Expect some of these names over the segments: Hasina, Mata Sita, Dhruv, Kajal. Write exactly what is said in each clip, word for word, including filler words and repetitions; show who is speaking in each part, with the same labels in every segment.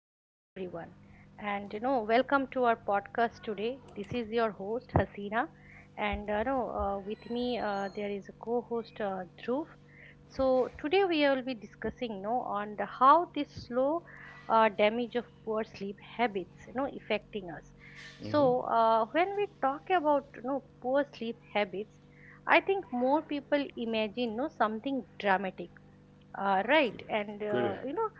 Speaker 1: Hello, everyone, and you know, welcome to our podcast today. This is your host Hasina, and uh, you know, uh, with me uh, there is a co-host uh, Dhruv. So today we will be discussing, you know, on the, how this slow uh, damage of poor sleep habits, you know, affecting us.
Speaker 2: Mm-hmm.
Speaker 1: So uh, when we talk about, you know, poor sleep habits, I think more people imagine, you know, something dramatic uh, right,
Speaker 2: Correct.
Speaker 1: and uh,
Speaker 2: Correct.
Speaker 1: you know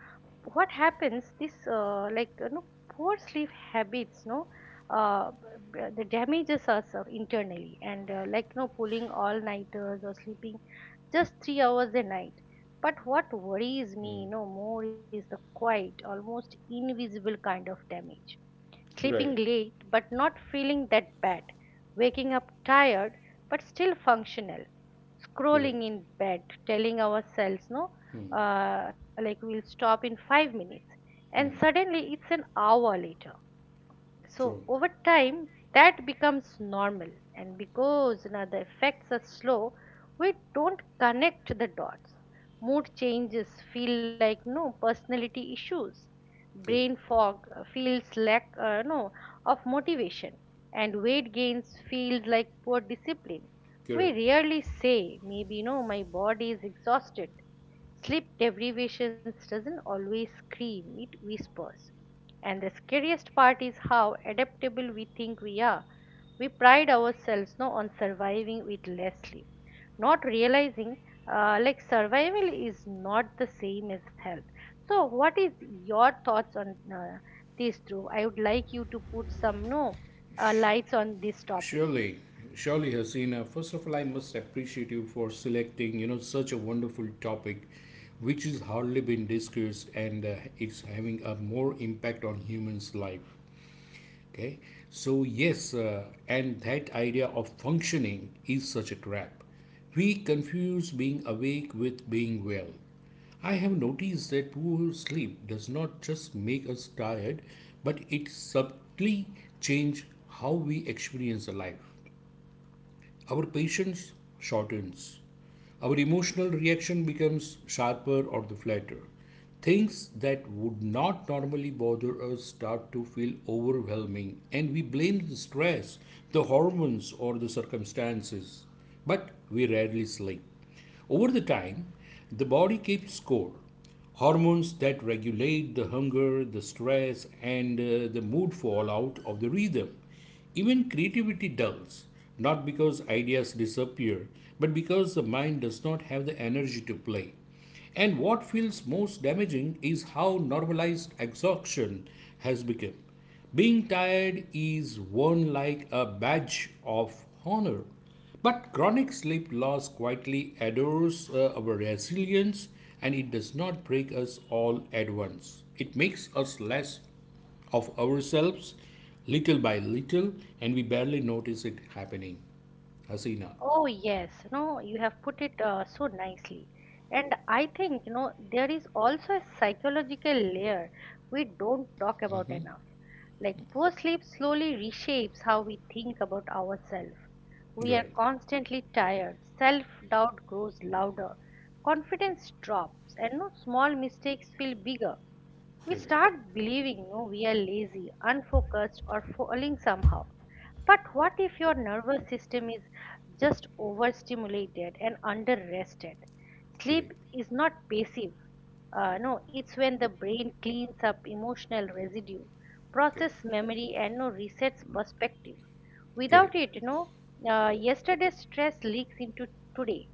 Speaker 1: what happens? This uh, like you know poor sleep habits, no, uh, b- b- the damages us uh, internally, and uh, like you know pulling all nighters or sleeping just three hours a night. But what worries me,
Speaker 2: Mm.
Speaker 1: you know, more is the quiet, almost invisible kind of damage sleeping
Speaker 2: Right.
Speaker 1: late but not feeling that bad, waking up tired but still functional, scrolling
Speaker 2: Correct.
Speaker 1: in bed, telling ourselves, no,
Speaker 2: Mm.
Speaker 1: uh, like we'll stop in five minutes, and
Speaker 2: Mm.
Speaker 1: suddenly it's an hour later. So
Speaker 2: True.
Speaker 1: over time, that becomes normal, and because now the effects are slow, we don't connect the dots. Mood changes feel like no personality issues.
Speaker 2: Correct.
Speaker 1: Brain fog uh, feels lack uh, no of motivation, and weight gains feels like poor discipline. We
Speaker 2: Correct.
Speaker 1: rarely say maybe no my body is exhausted. Sleep deprivation doesn't always scream; it whispers and the scariest part is how adaptable we think we are. We pride ourselves no, on surviving with less sleep, not realizing uh, like survival is not the same as health. So, what is your thoughts on uh, this, Dhruv? I would like you to put some no uh,
Speaker 2: Sh-
Speaker 1: lights on this topic.
Speaker 2: surely, surely, Hasina. First of all, I must appreciate you for selecting, you know, such a wonderful topic, which is hardly been discussed, and uh, it's having a more impact on humans' life. Okay, so yes, uh, and that idea of functioning is such a trap. We confuse being awake with being well. I have noticed that poor sleep does not just make us tired, but it subtly changes how we experience the life. Our patience shortens. Our emotional reaction becomes sharper or the flatter. Things that would not normally bother us start to feel overwhelming, and we blame the stress, the hormones, or the circumstances. But we rarely sleep. Over the time, the body keeps score. Hormones that regulate the hunger, the stress, and uh, the mood fall out of the rhythm. Even creativity dulls, not because ideas disappear, but because the mind does not have the energy to play. And what feels most damaging is how normalized exhaustion has become. Being tired is worn like a badge of honor. But chronic sleep loss quietly adores uh, our resilience, and it does not break us all at once. It makes us less of ourselves, little by little, and we barely notice it happening. Hasina.
Speaker 1: Oh, yes, no, you have put it uh, so nicely. And I think, you know, there is also a psychological layer we don't talk about enough. Like, poor sleep slowly reshapes how we think about ourselves. We are
Speaker 2: Right.
Speaker 1: constantly tired, self doubt grows louder, confidence drops, and no small mistakes feel bigger. We
Speaker 2: Correct.
Speaker 1: start believing no, we are lazy, unfocused, or falling somehow. But what if your nervous system is just overstimulated and underrested? Sleep
Speaker 2: Correct.
Speaker 1: is not passive. Uh, no, It's when the brain cleans up emotional residue,
Speaker 2: Correct.
Speaker 1: process memory, and no resets perspective. Without
Speaker 2: Correct.
Speaker 1: it, you know, uh, yesterday's stress leaks into today,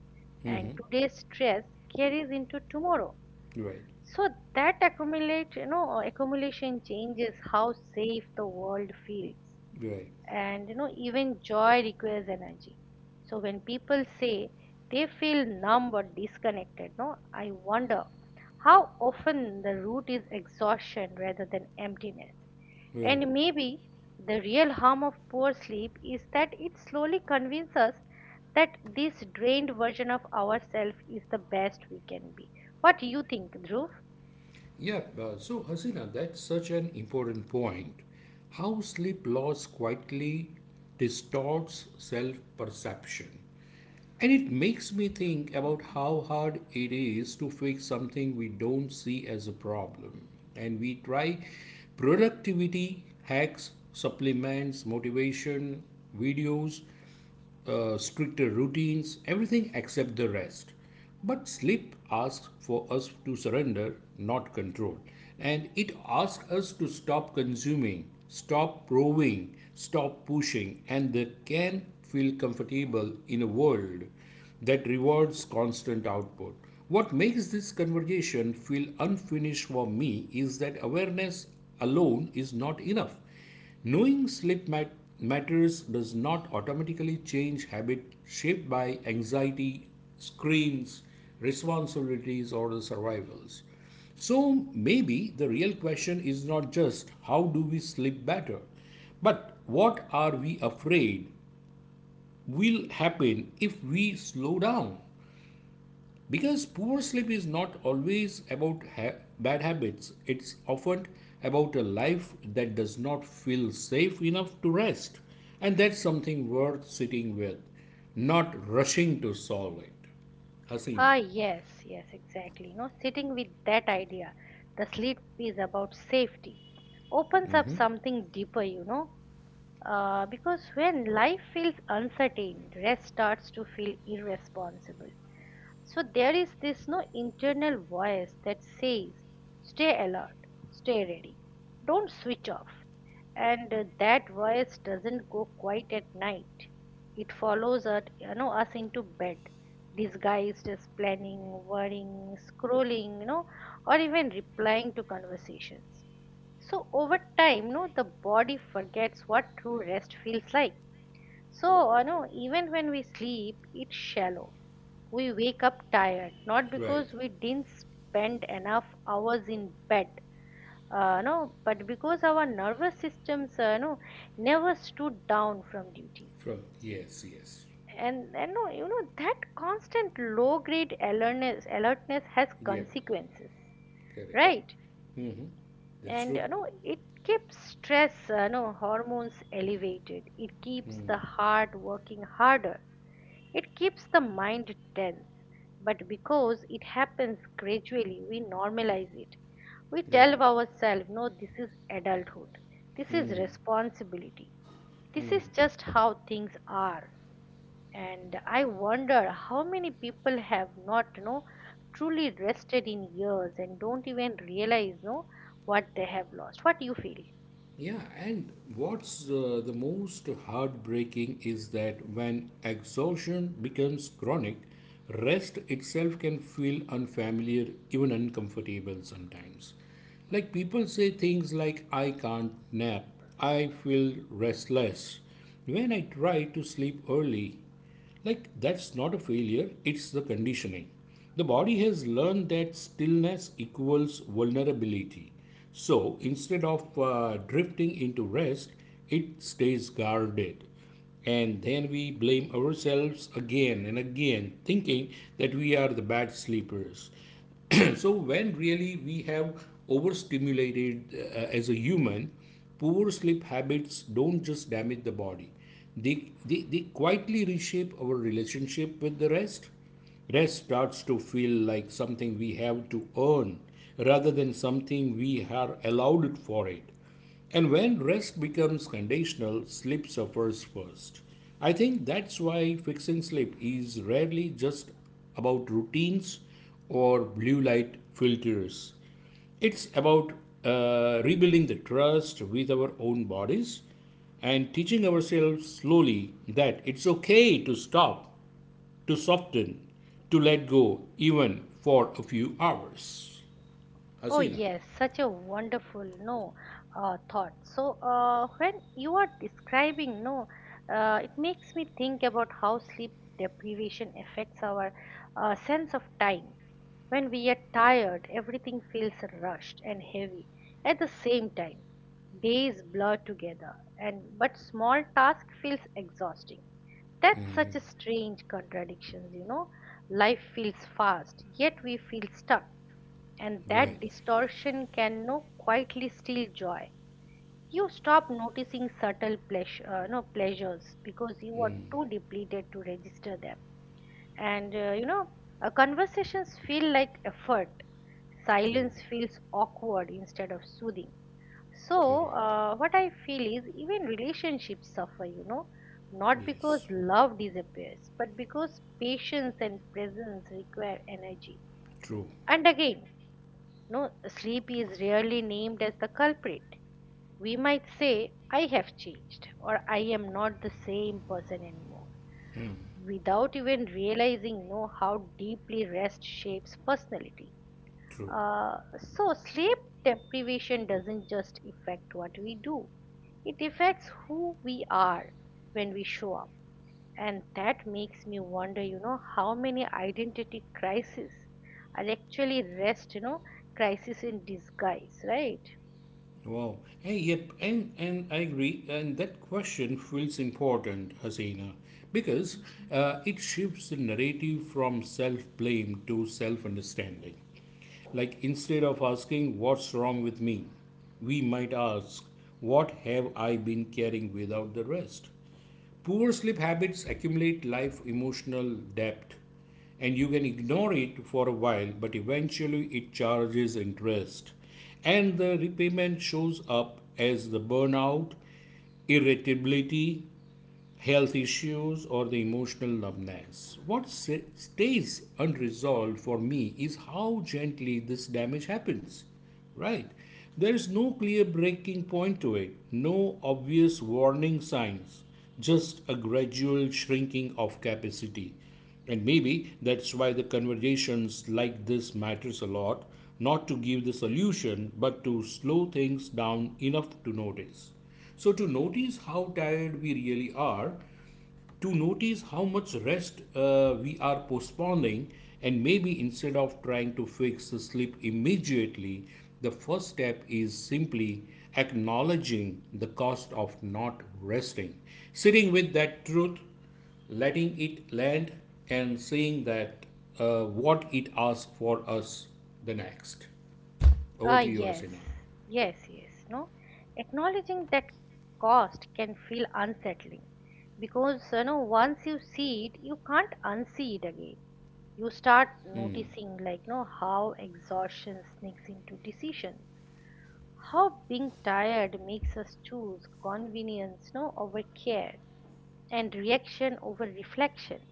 Speaker 2: Mm-hmm.
Speaker 1: and today's stress carries into tomorrow.
Speaker 2: Right,
Speaker 1: So that accumulate, you know, uh, accumulation changes how safe the world feels.
Speaker 2: right,
Speaker 1: And you know, even joy requires energy. So when people say they feel numb or disconnected, no, I wonder how often the root is exhaustion rather than emptiness.
Speaker 2: right.
Speaker 1: And maybe the real harm of poor sleep is that it slowly convinces us that this drained version of ourselves is the best we can be. What do you think, Dhruv?
Speaker 2: Yeah, uh, so Hasina, that's such an important point. How sleep loss quietly distorts self perception. And it makes me think about how hard it is to fix something we don't see as a problem. And we try productivity hacks, supplements, motivation, videos, uh, stricter routines, everything except the rest. But sleep asks for us to surrender, not control. And it asks us to stop consuming, stop proving, stop pushing, and that can feel comfortable in a world that rewards constant output. What makes this conversation feel unfinished for me is that awareness alone is not enough. Knowing sleep mat- matters does not automatically change habit shaped by anxiety, screens, responsibilities, or the survivals. So maybe the real question is not just how do we sleep better, but what are we afraid will happen if we slow down? Because poor sleep is not always about ha- bad habits, it's often about a life that does not feel safe enough to rest. And that's something worth sitting with, not rushing to solve it. Hasina,
Speaker 1: Ah, yes, yes, exactly. You know, sitting with that idea, the sleep is about safety, opens up something deeper, you know, uh, because when life feels uncertain, rest starts to feel irresponsible. So there is this no internal voice that says, stay alert, stay ready, don't switch off. And uh, that voice doesn't go quiet at night. It follows us, you know, us into bed, disguised as planning, worrying, scrolling, you know, or even replying to conversations. So over time, you know, the body forgets what true rest feels like so, you know, even when we sleep, it's shallow. We wake up tired, not
Speaker 2: right.
Speaker 1: because we didn't spend enough hours in bed, uh, no, but because our nervous systems, uh, no, never stood down from duty.
Speaker 2: From yes, yes.
Speaker 1: And, and no, you know, that constant low grade alertness, alertness has
Speaker 2: Yeah,
Speaker 1: consequences,
Speaker 2: correct.
Speaker 1: right?
Speaker 2: Hmm. That's
Speaker 1: And
Speaker 2: true.
Speaker 1: you know it keeps stress uh, you know hormones elevated, it keeps the heart working harder, it keeps the mind tense, but because it happens gradually we normalize it. We
Speaker 2: Right.
Speaker 1: tell ourselves no this is adulthood, this is responsibility, this is just how things are. And I wonder how many people have not you know truly rested in years and don't even realize no what they have lost. What do you feel?
Speaker 2: Yeah, and what's uh, the most heartbreaking is that when exhaustion becomes chronic, rest itself can feel unfamiliar, even uncomfortable sometimes. Like people say things like, I can't nap, I feel restless. When I try to sleep early, like, that's not a failure, it's the conditioning. The body has learned that stillness equals vulnerability. So, instead of uh, drifting into rest, it stays guarded. And then we blame ourselves again and again, thinking that we are the bad sleepers. So when really we have overstimulated uh, as a human, poor sleep habits don't just damage the body, they, they, they quietly reshape our relationship with the rest. Rest starts to feel like something we have to earn rather than something we are allowed for it. And when rest becomes conditional, sleep suffers first. I think that's why fixing sleep is rarely just about routines or blue light filters. It's about uh, rebuilding the trust with our own bodies, and teaching ourselves slowly that it's okay to stop, to soften, to let go, even for a few hours.
Speaker 1: Oh
Speaker 2: Hasina.
Speaker 1: yes, such a wonderful no uh, thought. So uh, when you are describing no, uh, it makes me think about how sleep deprivation affects our uh, sense of time. When we are tired, everything feels rushed and heavy. At the same time, days blur together, and but small task feels exhausting. That's such a strange contradiction, you know. Life feels fast, yet we feel stuck and that
Speaker 2: Right.
Speaker 1: distortion can no quietly steal joy. You stop noticing subtle pleasure, uh, no pleasures because you are too depleted to register them. And uh, you know, uh, conversations feel like effort.
Speaker 2: True.
Speaker 1: Silence feels awkward instead of soothing. So,
Speaker 2: Correct.
Speaker 1: uh, what I feel is even relationships suffer, you know, not because
Speaker 2: Yes.
Speaker 1: love disappears, but because patience and presence require energy.
Speaker 2: True.
Speaker 1: And again, no, sleep is rarely named as the culprit. We might say, I have changed, or I am not the same person anymore, without even realizing know how deeply rest shapes personality.
Speaker 2: True.
Speaker 1: Uh, so, sleep deprivation doesn't just affect what we do, it affects who we are when we show up. And that makes me wonder, you know, how many identity crises are actually rest, you know, crisis in disguise, right?
Speaker 2: Wow. Hey, yep, and and I agree, and that question feels important, Hasina, because uh, it shifts the narrative from self-blame to self-understanding. Like instead of asking what's wrong with me, we might ask what have I been carrying without the rest. Poor sleep habits accumulate life emotional depth, and you can ignore it for a while, but eventually it charges interest. And the repayment shows up as the burnout, irritability, health issues or the emotional numbness. What stays unresolved for me is how gently this damage happens. Right? There is no clear breaking point to it, no obvious warning signs, just a gradual shrinking of capacity. And maybe that's why the conversations like this matters a lot, not to give the solution, but to slow things down enough to notice. So, to notice how tired we really are, to notice how much rest uh, we are postponing, and maybe instead of trying to fix the sleep immediately, the first step is simply acknowledging the cost of not resting, sitting with that truth, letting it land, and seeing that uh, what it asks for us the next. Over
Speaker 1: Ah,
Speaker 2: to you,
Speaker 1: yes,
Speaker 2: Hasina.
Speaker 1: yes, yes, no. Acknowledging that cost can feel unsettling because, you know, once you see it, you can't unsee it again. You start noticing, like, you know, how exhaustion sneaks into decisions, how being tired makes us choose convenience, no, over care and reaction over reflection.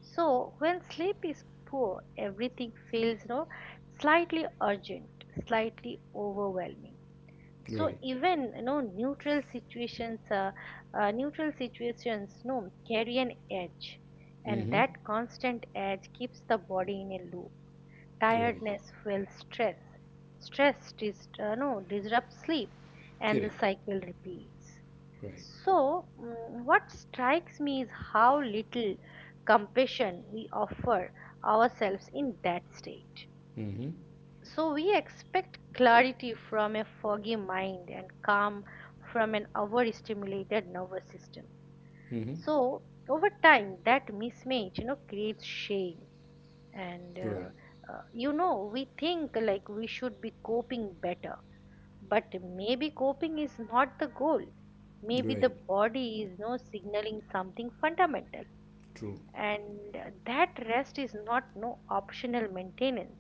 Speaker 1: So when sleep is poor, everything feels no slightly urgent, slightly overwhelming. So
Speaker 2: Right.
Speaker 1: even you know neutral situations, uh, uh, neutral situations, no carry an edge, and
Speaker 2: Mm-hmm.
Speaker 1: that constant edge keeps the body in a loop.
Speaker 2: Right.
Speaker 1: Tiredness fuels stress. Stress dis- uh, no disrupts sleep, and the
Speaker 2: Correct.
Speaker 1: cycle repeats.
Speaker 2: Right.
Speaker 1: So, mm, what strikes me is how little compassion we offer ourselves in that state.
Speaker 2: Mm-hmm,
Speaker 1: So, we expect clarity from a foggy mind and calm from an overstimulated nervous system.
Speaker 2: mm-hmm.
Speaker 1: So, over time, that mismatch, you know, creates shame and
Speaker 2: Right,
Speaker 1: uh, uh, you know we think like we should be coping better, but maybe coping is not the goal. Maybe the
Speaker 2: right,
Speaker 1: body is no signaling something fundamental,
Speaker 2: true,
Speaker 1: and that rest is not no optional maintenance,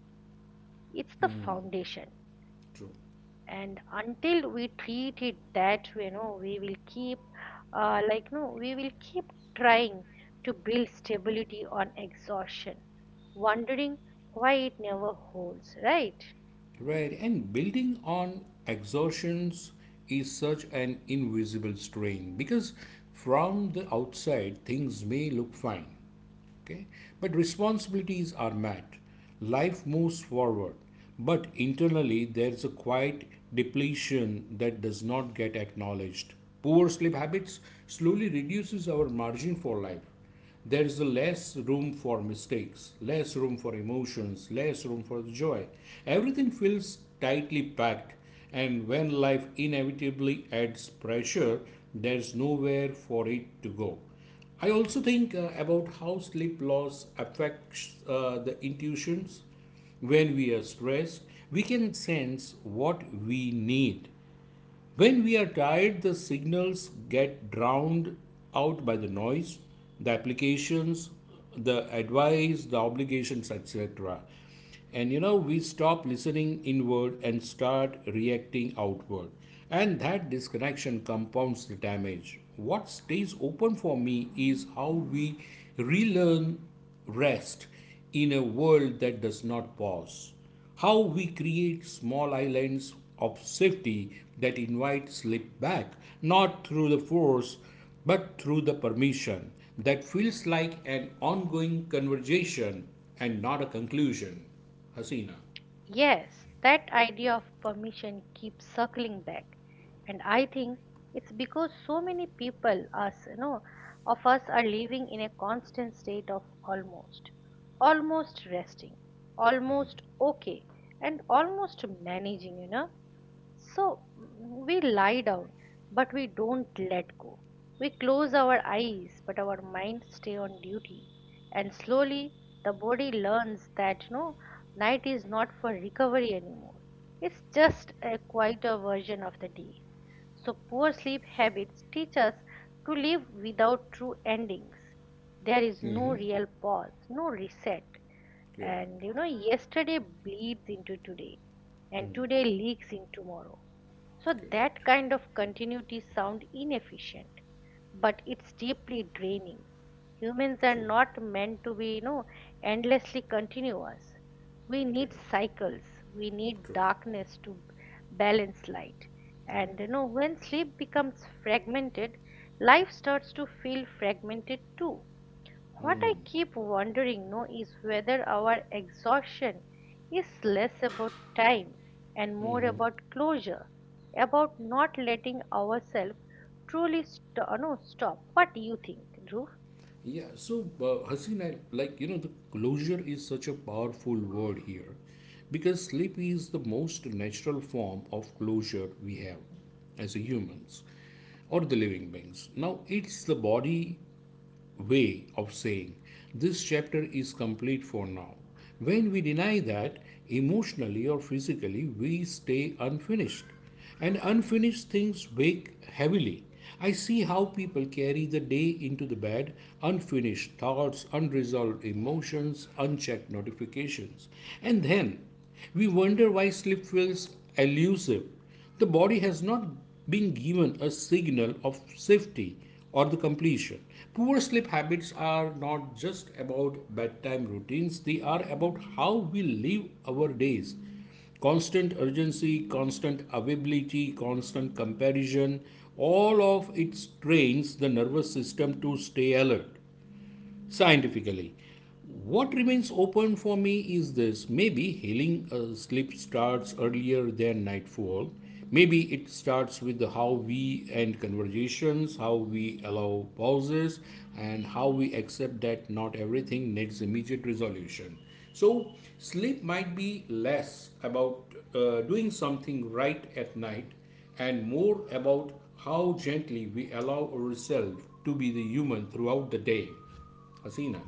Speaker 1: it's the foundation.
Speaker 2: true.
Speaker 1: And until we treat it that way no we will keep uh, like no we will keep trying to build stability on exhaustion, wondering why it never holds, right?
Speaker 2: Right, and building on exhaustions is such an invisible strain because from the outside things may look fine, okay, but responsibilities are met, life moves forward, but internally there's a quiet depletion that does not get acknowledged. Poor sleep habits slowly reduces our margin for life. There is less room for mistakes, less room for emotions, less room for joy. Everything feels tightly packed, and when life inevitably adds pressure, there's nowhere for it to go. I also think uh, about how sleep loss affects uh, the intuitions. When we are stressed, we can sense what we need. When we are tired, the signals get drowned out by the noise, the applications, the advice, the obligations, et cetera. And you know, we stop listening inward and start reacting outward. And that disconnection compounds the damage. What stays open for me is how we relearn rest in a world that does not pause. How we create small islands of safety that invite sleep back, not through the force, but through the permission that feels like an ongoing conversation and not a conclusion. Hasina.
Speaker 1: Yes, that idea of permission keeps circling back, and I think it's because so many people, us, you know, of us are living in a constant state of almost, almost resting, almost okay, and almost managing, you know. So mm, we lie down, but we don't let go. We close our eyes, but our mind stay on duty. And slowly the body learns that you know night is not for recovery anymore. It's just a quieter version of the day. So poor sleep habits teach us to live without true endings. There is no
Speaker 2: Mm-hmm.
Speaker 1: real pause, no reset.
Speaker 2: Correct.
Speaker 1: And you know, yesterday bleeds into today, and today leaks in tomorrow. So
Speaker 2: Correct.
Speaker 1: that kind of continuity sound inefficient, but it's deeply draining. Humans are
Speaker 2: True.
Speaker 1: not meant to be, you know, endlessly continuous. We need
Speaker 2: Correct.
Speaker 1: cycles. We need
Speaker 2: True.
Speaker 1: darkness to balance light.
Speaker 2: Right.
Speaker 1: And you know, when sleep becomes fragmented, life starts to feel fragmented too. What I
Speaker 2: Mm.
Speaker 1: keep wondering no is whether our exhaustion is less about time and more about closure, about not letting ourselves truly st- no, stop. What do you think, Dhruv?
Speaker 2: Yeah, so uh, Haseen, I, like you know, the closure is such a powerful word here because sleep is the most natural form of closure we have as a humans or the living beings. Now, it's the body way of saying, this chapter is complete for now. When we deny that, emotionally or physically, we stay unfinished. And unfinished things weigh heavily. I see how people carry the day into the bed, unfinished thoughts, unresolved emotions, unchecked notifications. And then we wonder why sleep feels elusive. The body has not been given a signal of safety or the completion. Poor sleep habits are not just about bedtime routines, they are about how we live our days. Constant urgency, constant availability, constant comparison, all of it strains the nervous system to stay alert scientifically. What remains open for me is this: maybe healing uh, sleep starts earlier than nightfall. Maybe it starts with the how we end conversations, how we allow pauses, and how we accept that not everything needs immediate resolution. So, sleep might be less about uh, doing something right at night, and more about how gently we allow ourselves to be the human throughout the day. Hasina.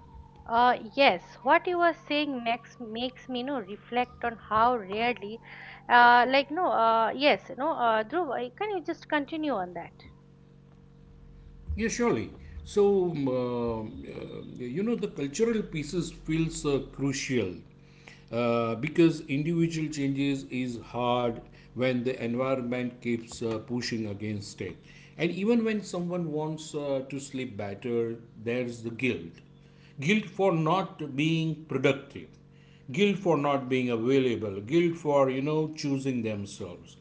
Speaker 1: Uh, yes, what you are saying makes makes me no reflect on how rarely, uh, like no, uh, yes, no, uh, Dhruv, uh, can you just continue on that?
Speaker 2: Yeah, surely. So, um, uh, uh, you know, the cultural pieces feels uh, crucial uh, because individual changes is hard when the environment keeps uh, pushing against it. And even when someone wants uh, to sleep better, there's the guilt. Guilt for not being productive, guilt for not being available, guilt for, you know, choosing themselves.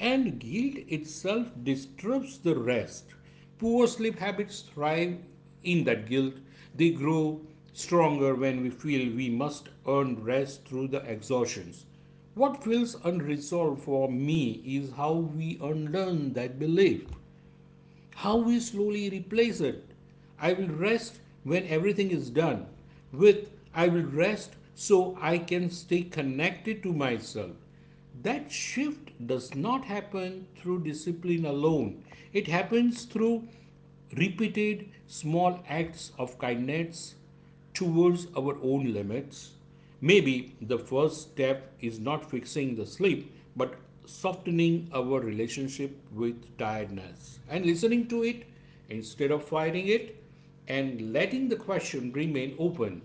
Speaker 2: And guilt itself disturbs the rest. Poor sleep habits thrive in that guilt. They grow stronger when we feel we must earn rest through the exhaustions. What feels unresolved for me is how we unlearn that belief. How we slowly replace it. I will rest when everything is done. With I will rest so I can stay connected to myself. That shift does not happen through discipline alone, it happens through repeated small acts of kindness, towards our own limits. Maybe the first step is not fixing the sleep, but softening our relationship with tiredness and listening to it instead of fighting it, and letting the question remain open,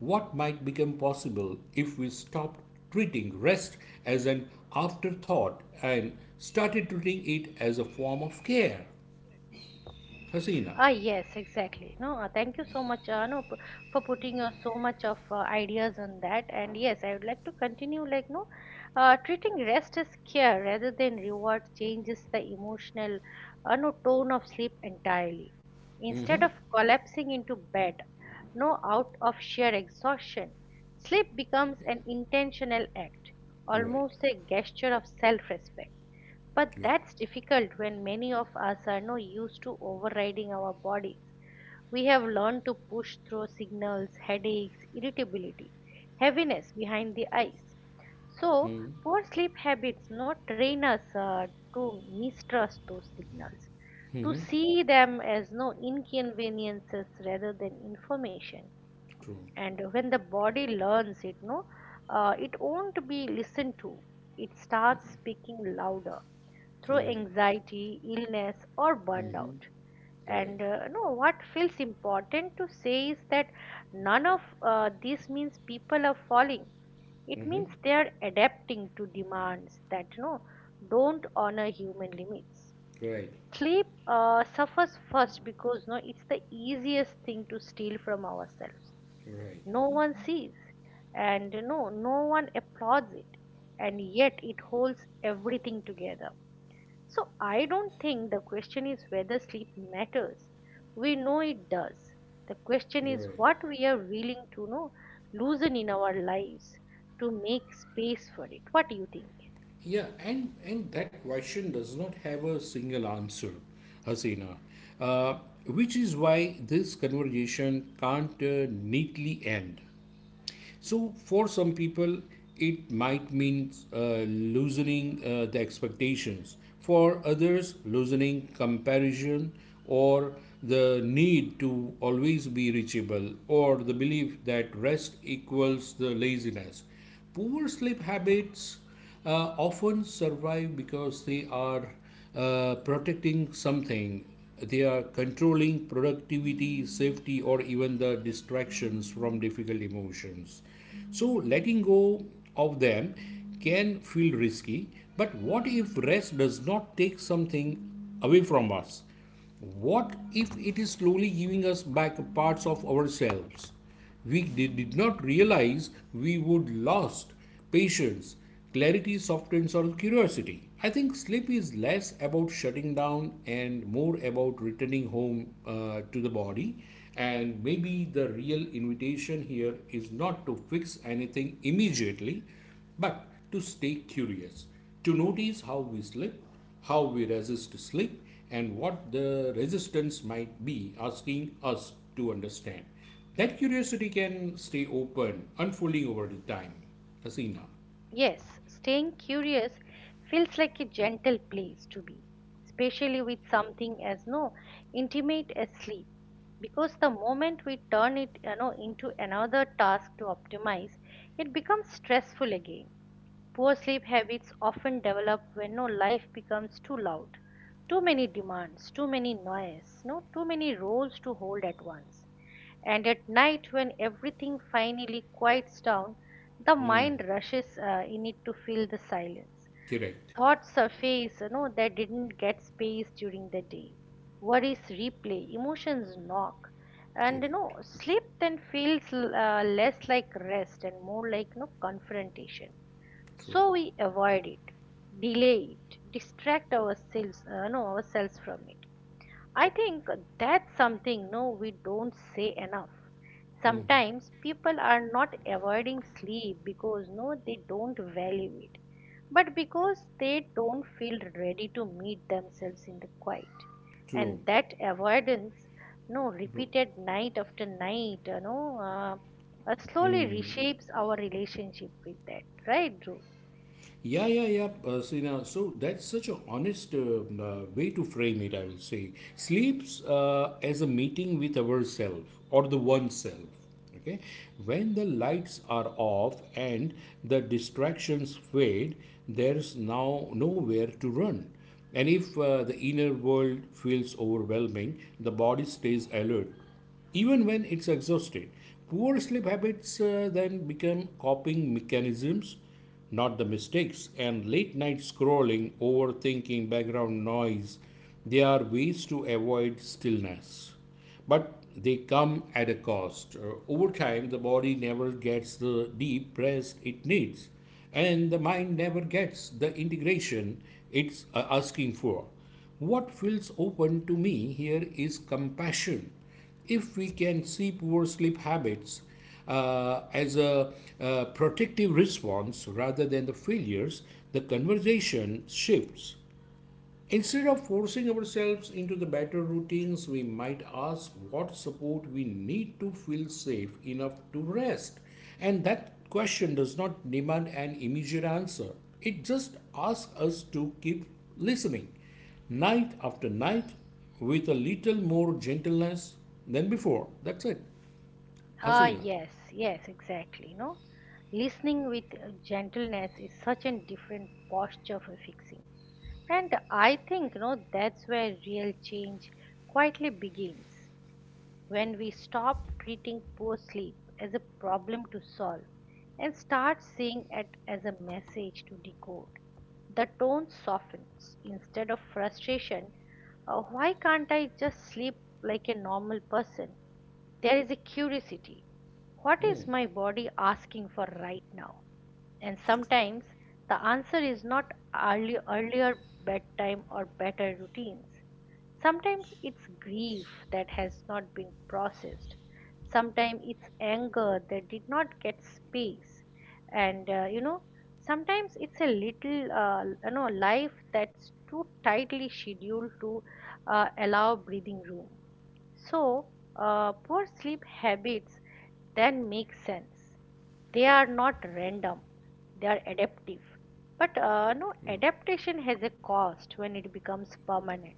Speaker 2: what might become possible if we stopped treating rest as an afterthought and started treating it as a form of care.
Speaker 1: Ah,
Speaker 2: Hasina,
Speaker 1: yes, exactly. No, uh, thank you so much, uh, no, p- for putting your so much of uh, ideas on that. And yes, I would like to continue, like, no, uh, treating rest as care rather than reward changes the emotional, uh, no, tone of sleep entirely. Instead of collapsing into bed, no, out of sheer exhaustion, sleep becomes an intentional act,
Speaker 2: right,
Speaker 1: almost a gesture of self-respect, but
Speaker 2: right,
Speaker 1: that's difficult when many of us are not used to overriding our bodies. We have learned to push through signals, headaches, irritability, heaviness behind the eyes. So, poor sleep habits not train us uh, to mistrust those signals, to see them as no inconveniences rather than information.
Speaker 2: true,
Speaker 1: And when the body learns it, no, uh, it won't be listened to. It starts speaking louder through
Speaker 2: right.
Speaker 1: anxiety, illness, or
Speaker 2: Mm-hmm.
Speaker 1: burnout.
Speaker 2: Right.
Speaker 1: And uh, no, what feels important to say is that none of uh, this means people are falling. It
Speaker 2: Mm-hmm.
Speaker 1: means they are adapting to demands that you know don't honor human limits.
Speaker 2: Right.
Speaker 1: Sleep uh, suffers first because no, it's the easiest thing to steal from ourselves.
Speaker 2: Right.
Speaker 1: No one sees, and no, no one applauds it, and yet it holds everything together. So I don't think the question is whether sleep matters. We know it does. The question is
Speaker 2: Right.
Speaker 1: what we are willing to know loosen in our lives to make space for it. What do you think?
Speaker 2: Yeah, and and that question does not have a single answer, Hasina, uh, which is why this conversation can't uh, neatly end. So, for some people, it might mean uh, loosening uh, the expectations. For others, loosening comparison or the need to always be reachable or the belief that rest equals the laziness. Poor sleep habits uh, often survive because they are uh, protecting something. They are controlling productivity, safety, or even the distractions from difficult emotions. So, letting go of them can feel risky. But what if rest does not take something away from us? What if it is slowly giving us back parts of ourselves? We did not realize we would lost patience, clarity, softens our curiosity. I think sleep is less about shutting down and more about returning home uh, to the body. And maybe the real invitation here is not to fix anything immediately, but to stay curious, to notice how we sleep, how we resist sleep, and what the resistance might be asking us to understand. That curiosity can stay open, unfolding over the time. Hasina.
Speaker 1: Yes, staying curious feels like a gentle place to be, especially with something as no intimate as sleep. Because the moment we turn it you know, into another task to optimize, it becomes stressful again. Poor sleep habits often develop when no life becomes too loud. Too many demands, too many noise, no too many roles to hold at once. And at night when everything finally quiets down, the mind rushes uh, in it to fill the silence.
Speaker 2: Correct.
Speaker 1: Thoughts surface, you know, that didn't get space during the day. Worries replay, emotions knock. And you
Speaker 2: Correct.
Speaker 1: know, sleep then feels uh, less like rest and more like no confrontation,
Speaker 2: True.
Speaker 1: so we avoid it, delay it, distract ourselves uh, no ourselves from it. I think that's something no we don't say enough. Sometimes people are not avoiding sleep because no they don't value it, but because they don't feel ready to meet themselves in the quiet.
Speaker 2: True.
Speaker 1: And that avoidance, no
Speaker 2: True.
Speaker 1: repeated night after night, you know uh, uh, slowly
Speaker 2: Hmm.
Speaker 1: reshapes our relationship with that, right, Dhruv?
Speaker 2: Yeah, yeah, yeah. Uh, so, you know, so that's such an honest uh, uh, way to frame it, I will say. Sleeps uh, as a meeting with ourself or the oneself. Okay? When the lights are off and the distractions fade, there's now nowhere to run. And if uh, the inner world feels overwhelming, the body stays alert even when it's exhausted. Poor sleep habits uh, then become coping mechanisms, not the mistakes. And late night scrolling, overthinking, background noise, they are ways to avoid stillness. But they come at a cost. Uh, over time, the body never gets the deep rest it needs, and the mind never gets the integration it's uh, asking for. What feels open to me here is compassion if we can see poor sleep habits uh, as a uh, protective response rather than the failures, the conversation shifts. Instead of forcing ourselves into the better routines, we might ask what support we need to feel safe enough to rest. And that question does not demand an immediate answer, it just asks us to keep listening night after night with a little more gentleness than before. That's it.
Speaker 1: Ah,
Speaker 2: Hasina.
Speaker 1: yes, yes, exactly. No, Listening with uh, gentleness is such a different posture for fixing, and I think you know that's where real change quietly begins. When we stop treating poor sleep as a problem to solve and start seeing it as a message to decode, the tone softens. Instead of frustration, "Uh, why can't I just sleep like a normal person?" there is a curiosity. What
Speaker 2: Hmm.
Speaker 1: is my body asking for right now? And
Speaker 2: True.
Speaker 1: sometimes the answer is not early, earlier bedtime or better routines. Sometimes it's grief that has not been processed. Sometimes it's anger that did not get space. And uh, you know, sometimes it's a little, uh, you know, life that's too tightly scheduled to uh, allow breathing room. So, uh, poor sleep habits then make sense. They are not random, they are adaptive. But uh, no, adaptation has a cost when it becomes permanent.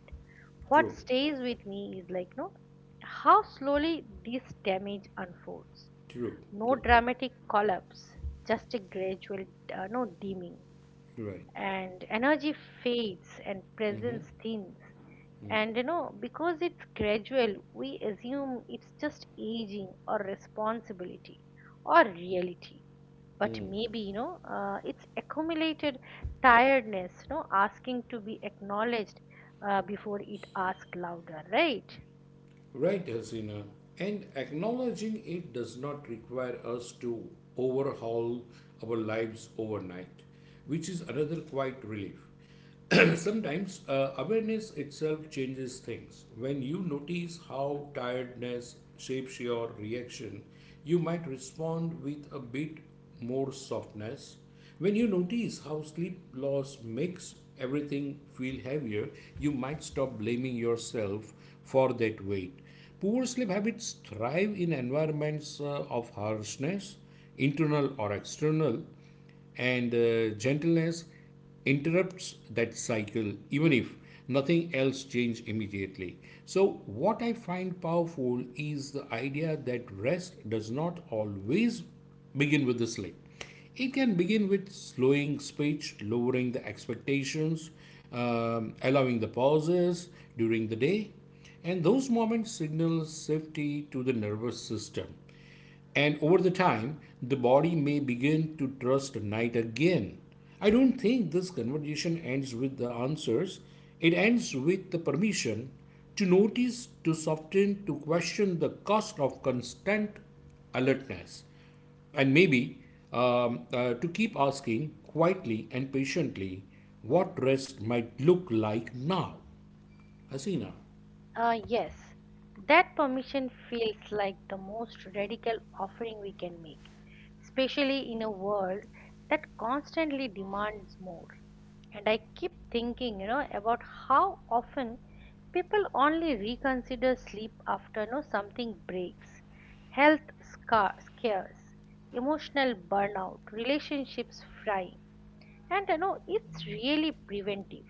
Speaker 1: What
Speaker 2: True.
Speaker 1: stays with me is like, no, how slowly this damage unfolds.
Speaker 2: True.
Speaker 1: No
Speaker 2: True.
Speaker 1: dramatic collapse, just a gradual, uh, no dimming.
Speaker 2: Right.
Speaker 1: And energy fades and
Speaker 2: Mm-hmm.
Speaker 1: presence thins, and you know, because it's gradual, we assume it's just aging or responsibility or reality. But maybe, you know, uh, it's accumulated tiredness, you know, asking to be acknowledged uh, before it asks louder, right?
Speaker 2: Right, Hasina. And acknowledging it does not require us to overhaul our lives overnight, which is another quiet relief. Sometimes uh, awareness itself changes things. When you notice how tiredness shapes your reaction, you might respond with a bit more softness when you notice how sleep loss makes everything feel heavier, you might stop blaming yourself for that weight. Poor sleep habits thrive in environments uh, of harshness, internal or external, and uh, gentleness interrupts that cycle even if nothing else changes immediately. So what I find powerful is the idea that rest does not always begin with the sleep. It can begin with slowing speech, lowering the expectations, um, allowing the pauses during the day, and those moments signal safety to the nervous system. And over the time, the body may begin to trust night again. I don't think this conversation ends with the answers. It ends with the permission to notice, to soften, to question the cost of constant alertness. And maybe um, uh, to keep asking quietly and patiently what rest might look like now. Hasina.
Speaker 1: Uh, yes, that permission feels like the most radical offering we can make, especially in a world that constantly demands more. And I keep thinking, you know, about how often people only reconsider sleep after, you know, something breaks. Health scar- scares, emotional burnout, relationships frying. And, you know, it's really preventive.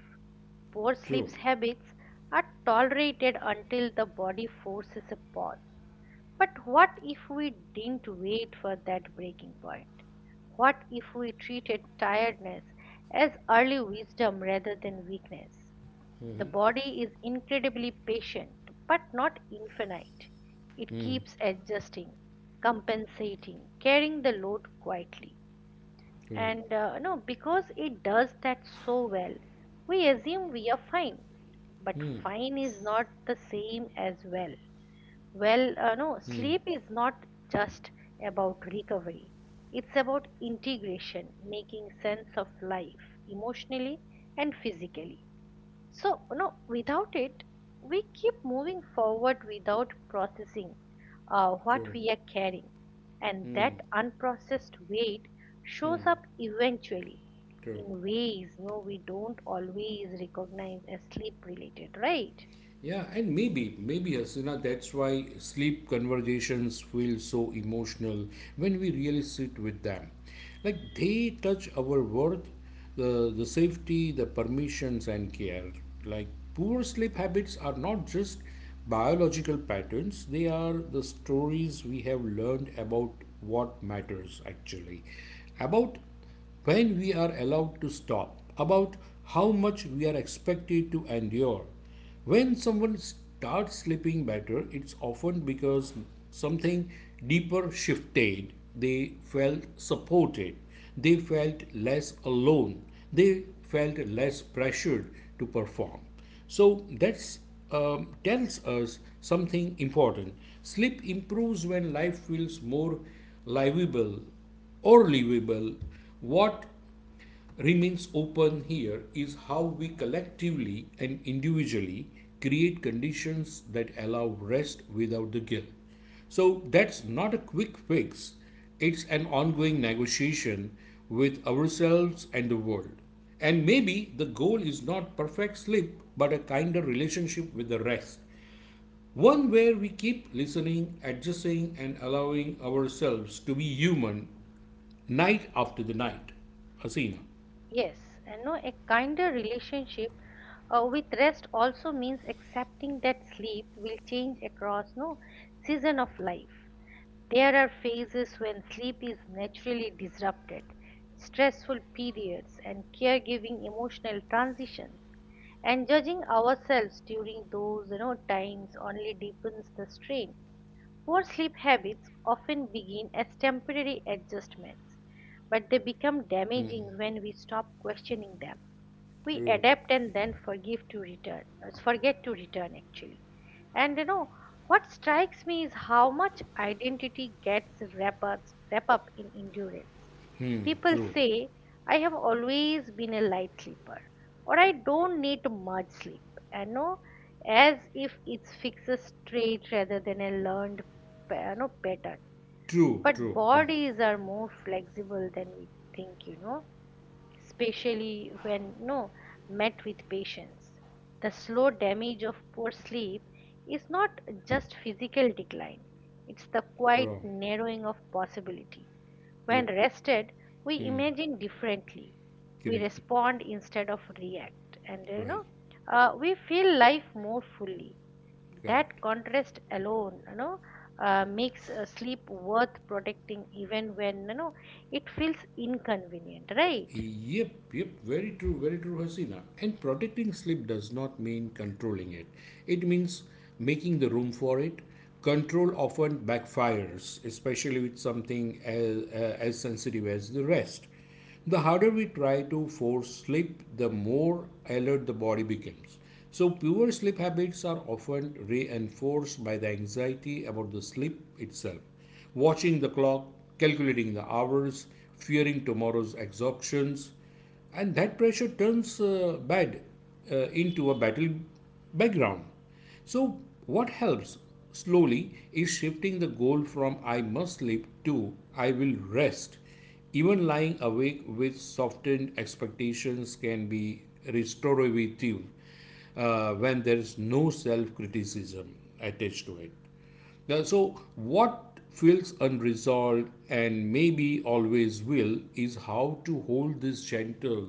Speaker 1: Poor sleep
Speaker 2: True,
Speaker 1: habits are tolerated until the body forces a pause. But what if we didn't wait for that breaking point? What if we treated tiredness as early wisdom rather than weakness? The body is incredibly patient, but not infinite. It keeps adjusting, compensating, carrying the load quietly.
Speaker 2: true,
Speaker 1: And uh, no, because it does that so well, we assume we are fine. But fine is not the same as well. Well, uh, no, sleep is not just about recovery. It's about integration, making sense of life emotionally and physically. So, no, without it, we keep moving forward without processing uh, what
Speaker 2: true,
Speaker 1: we are carrying. And that unprocessed weight shows up eventually
Speaker 2: true.
Speaker 1: in ways no, we don't always recognize as sleep related, right?
Speaker 2: Yeah, and maybe, maybe Hasina, that's why sleep conversations feel so emotional when we really sit with them. Like they touch our worth, the, the safety, the permissions, and care. Like poor sleep habits are not just biological patterns, they are the stories we have learned about what matters actually, about when we are allowed to stop, about how much we are expected to endure when someone starts sleeping better, it's often because something deeper shifted. They felt supported. They felt less alone. They felt less pressured to perform. So that's um, tells us something important. Sleep improves when life feels more livable or livable. What remains open here is how we collectively and individually create conditions that allow rest without the guilt. So that's not a quick fix, it's an ongoing negotiation with ourselves and the world. And maybe the goal is not perfect sleep, but a kinder relationship with the rest. One where we keep listening, adjusting, and allowing ourselves to be human night after the night. Asina.
Speaker 1: Yes, and no, a kinder relationship uh, with rest also means accepting that sleep will change across no season of life. There are phases when sleep is naturally disrupted: stressful periods and caregiving emotional transitions. And judging ourselves during those you know times only deepens the strain. Poor sleep habits often begin as temporary adjustments, but they become damaging when we stop questioning them. We
Speaker 2: True.
Speaker 1: adapt and then forgive to return uh, forget to return, actually. And you know what strikes me is how much identity gets wrapped up, wrap up in endurance.
Speaker 2: Hmm.
Speaker 1: People
Speaker 2: True.
Speaker 1: say, "I have always been a light sleeper," or, "I don't need much sleep," and no as if it's fixed trait rather than a learned pa- you know, pattern.
Speaker 2: True.
Speaker 1: But
Speaker 2: True. Hmm.
Speaker 1: bodies are more flexible than we think you know especially when no met with patience. The slow damage of poor sleep is not just physical decline, it's the quiet
Speaker 2: Wrong.
Speaker 1: narrowing of possibility.
Speaker 2: Yep.
Speaker 1: When rested, we imagine differently. We
Speaker 2: Correct.
Speaker 1: respond instead of react, and you
Speaker 2: Right.
Speaker 1: know, uh, we feel life more fully. That
Speaker 2: Correct.
Speaker 1: contrast alone, you know, uh, makes uh, sleep worth protecting, even when you know it feels inconvenient, right?
Speaker 2: Yep, yep, very true, very true, Hasina. And protecting sleep does not mean controlling it. It means making the room for it. Control often backfires, especially with something as, uh, as sensitive as the rest. The harder we try to force sleep, the more alert the body becomes. So, poor sleep habits are often reinforced by the anxiety about the sleep itself watching the clock, calculating the hours, fearing tomorrow's exhaustions, and that pressure turns uh, bad uh, into a battle background. So, what helps slowly is shifting the goal from I must sleep to I will rest. Even lying awake with softened expectations can be restorative uh, when there is no self criticism attached to it. Now, so what feels unresolved and maybe always will is how to hold this gentle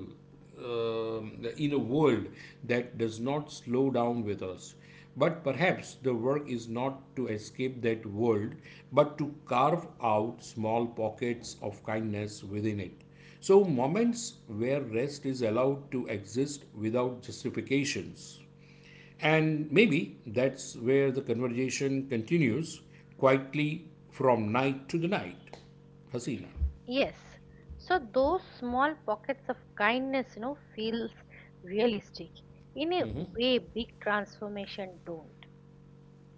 Speaker 2: um, in a world that does not slow down with us. But perhaps the work is not to escape that world, but to carve out small pockets of kindness within it. So, moments where rest is allowed to exist without justifications. And maybe that's where the conversation continues quietly from night to the night. Hasina.
Speaker 1: Yes. So those small pockets of kindness, you know, feels realistic. In a way, big transformation don't.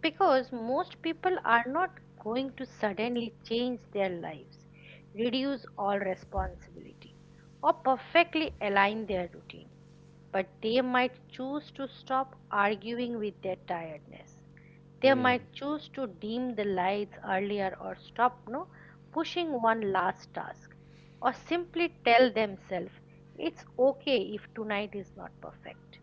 Speaker 1: Because most people are not going to suddenly change their lives, reduce all responsibility, or perfectly align their routine. But they might choose to stop arguing with their tiredness. They might choose to dim the lights earlier, or stop no pushing one last task, or simply tell themselves it's okay if tonight is not perfect.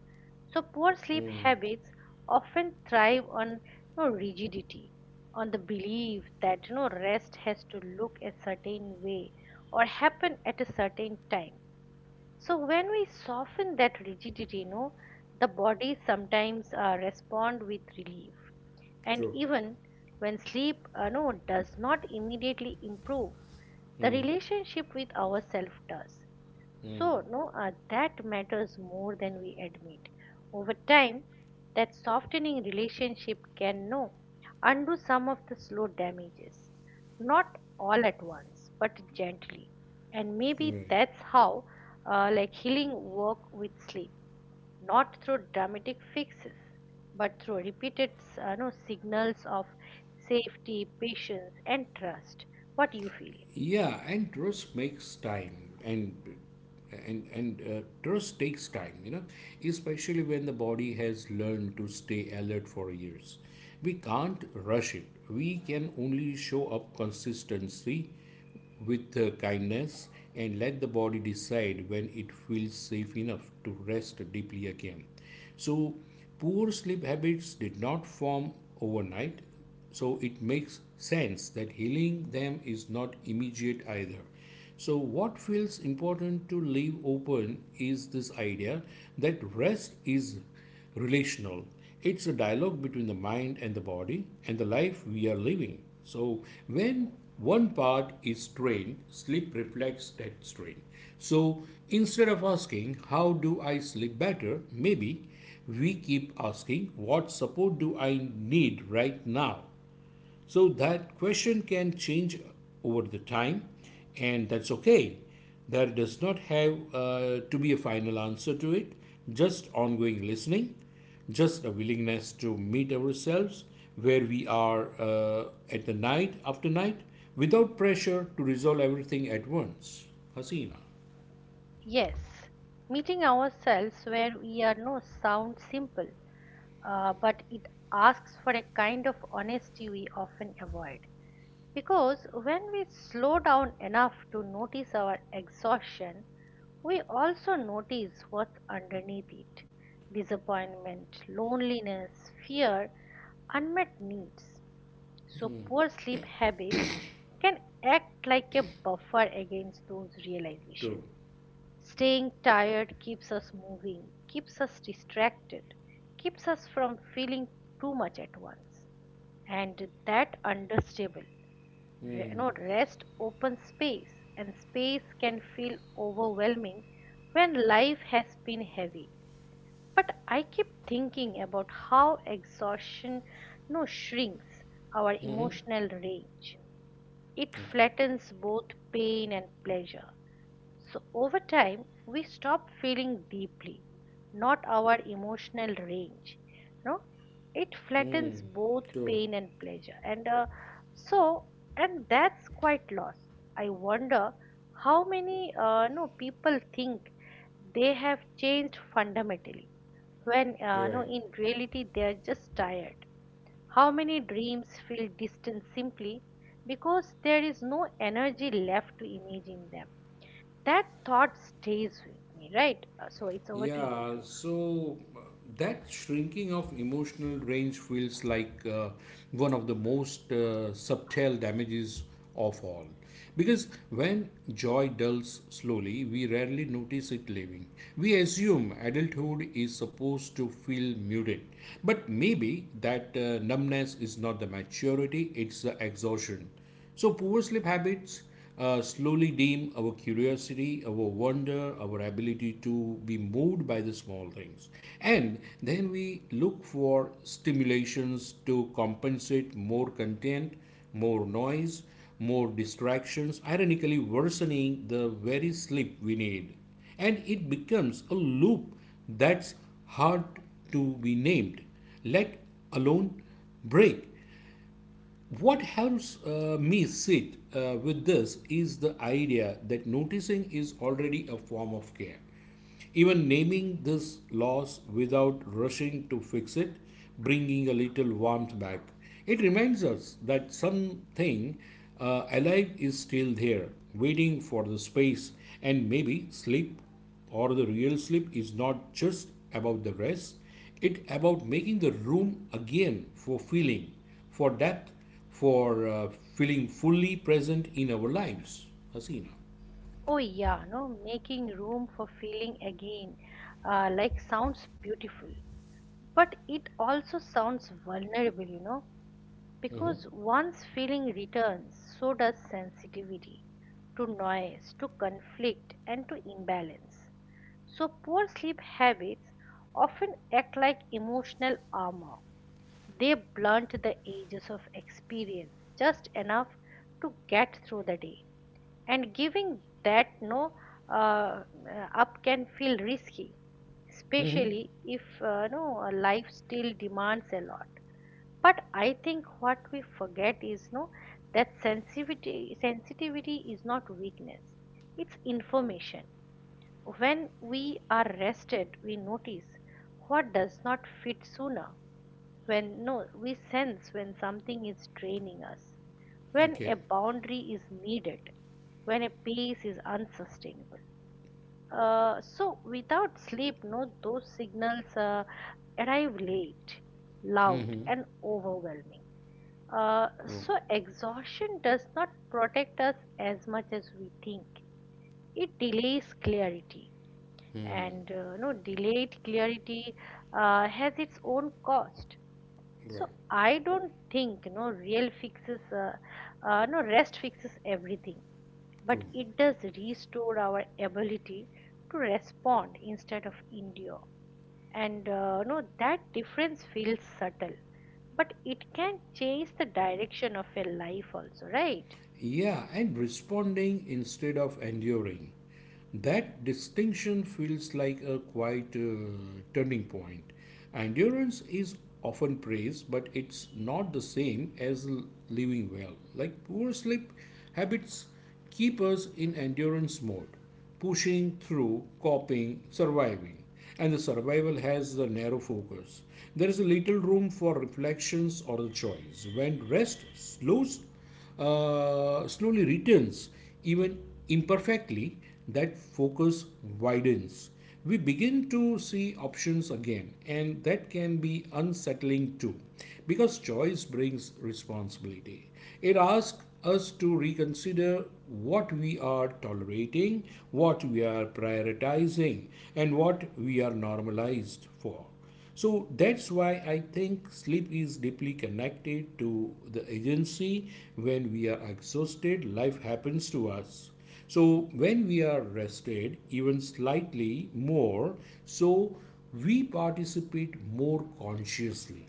Speaker 1: So poor sleep
Speaker 2: Mm.
Speaker 1: habits often thrive on no rigidity, on the belief that no rest has to look a certain way or happen at a certain time. So when we soften that rigidity, no, the body sometimes uh, respond with relief. And
Speaker 2: True.
Speaker 1: even when sleep, uh, no, does not immediately improve, the
Speaker 2: Mm,
Speaker 1: relationship with ourself does.
Speaker 2: mm.
Speaker 1: So, no, uh, that matters more than we admit. Over time, that softening relationship can no undo some of the slow damages, not all at once, but gently. And maybe
Speaker 2: Right.
Speaker 1: that's how, uh, like healing work with sleep, not through dramatic fixes but through repeated s- uh, no, signals of safety, patience, and trust. What do you feel?
Speaker 2: Yeah, and trust makes time, and and and uh, trust takes time. You know, especially when the body has learned to stay alert for years, we can't rush it. We can only show up consistency with uh, kindness and let the body decide when it feels safe enough to rest deeply again. So, poor sleep habits did not form overnight, so it makes sense that healing them is not immediate either. So, what feels important to leave open is this idea that rest is relational. It's a dialogue between the mind and the body and the life we are living. So, when one part is strained, sleep reflects that strain. So, instead of asking, How do I sleep better? Maybe we keep asking, What support do I need right now? So that question can change over the time, and that's okay. There does not have uh, to be a final answer to it, just ongoing listening, just a willingness to meet ourselves where we are uh, at the night after night without pressure to resolve everything at once. Hasina.
Speaker 1: Yes, meeting ourselves where we are no sounds simple, uh, but it asks for a kind of honesty we often avoid. Because when we slow down enough to notice our exhaustion, we also notice what's underneath it: disappointment, loneliness, fear, unmet needs. So, poor sleep habits can act like a buffer against those realizations.
Speaker 2: True.
Speaker 1: Staying tired keeps us moving, keeps us distracted, keeps us from feeling too much at once. And that understable, re- you rest opens space, and space can feel overwhelming when life has been heavy. But I keep thinking about how exhaustion no shrinks our
Speaker 2: Mm-hmm.
Speaker 1: emotional range. It
Speaker 2: Okay.
Speaker 1: flattens both pain and pleasure. So over time, we stop feeling deeply, not our emotional range. No, it flattens
Speaker 2: Mm,
Speaker 1: both
Speaker 2: true.
Speaker 1: pain and pleasure, and uh, so and that's quite loss. I wonder how many uh, no people think they have changed fundamentally when, uh,
Speaker 2: You're
Speaker 1: no
Speaker 2: right.
Speaker 1: in reality, they are just tired. How many dreams feel distant simply because there is no energy left to imagine them? That thought stays with me, right? Uh, So it's over to you,
Speaker 2: Yeah,
Speaker 1: Dhruv.
Speaker 2: so uh, that shrinking of emotional range feels like uh, one of the most uh, subtle damages of all. Because when joy dulls slowly, we rarely notice it leaving. We assume adulthood is supposed to feel muted, but maybe that uh, numbness is not the maturity, it's the exhaustion. So, poor sleep habits uh, slowly dim our curiosity, our wonder, our ability to be moved by the small things. And then we look for stimulations to compensate more content, more noise, more distractions, ironically worsening the very sleep we need. And it becomes a loop that's hard to be named, let alone break. What helps uh, me sit uh, with this is the idea that noticing is already a form of care. Even naming this loss without rushing to fix it, bringing a little warmth back. It reminds us that something uh, alive is still there, waiting for the space. And maybe sleep or the real sleep is not just about the rest, it about making the room again for feeling, for depth, for uh, feeling fully present in our lives. Hasina.
Speaker 1: Oh, yeah, no, making room for feeling again uh, like sounds beautiful, but it also sounds vulnerable, you know, because once feeling returns, so does sensitivity to noise, to conflict, and to imbalance. So, poor sleep habits often act like emotional armor. They blunt the edges of experience just enough to get through the day. And giving that no uh, up can feel risky, especially if uh, no life still demands a lot. But I think what we forget is no that sensitivity sensitivity is not weakness; it's information. When we are rested, we notice what does not fit sooner. When no, We sense when something is draining us, when
Speaker 2: Okay.
Speaker 1: a boundary is needed, when a pace is unsustainable. Uh, so, without sleep, no, those signals uh, arrive late, loud,
Speaker 2: Mm-hmm.
Speaker 1: and overwhelming. Uh,
Speaker 2: True.
Speaker 1: so, exhaustion does not protect us as much as we think. It delays clarity, and uh, no delayed clarity uh, has its own cost.
Speaker 2: Right.
Speaker 1: So I don't think you know real fixes uh, uh, no rest fixes everything,
Speaker 2: True.
Speaker 1: but it does restore our ability to respond instead of endure. And uh, no that difference feels subtle, but it can change the direction of a life also, right?
Speaker 2: Yeah, and responding instead of enduring. That distinction feels like a quite uh, turning point. Endurance is often praised, but it's not the same as l- living well. Like poor sleep habits keep us in endurance mode, pushing through, coping, surviving. And the survival has a narrow focus. There is little room for reflections or the choice. When rest slows, uh, slowly returns, even imperfectly, that focus widens. We begin to see options again, and that can be unsettling too, because choice brings responsibility. It asks us to reconsider what we are tolerating, what we are prioritizing, and what we are normalized for. So that's why I think sleep is deeply connected to the agency. When we are exhausted, life happens to us. So when we are rested, even slightly more, so we participate more consciously.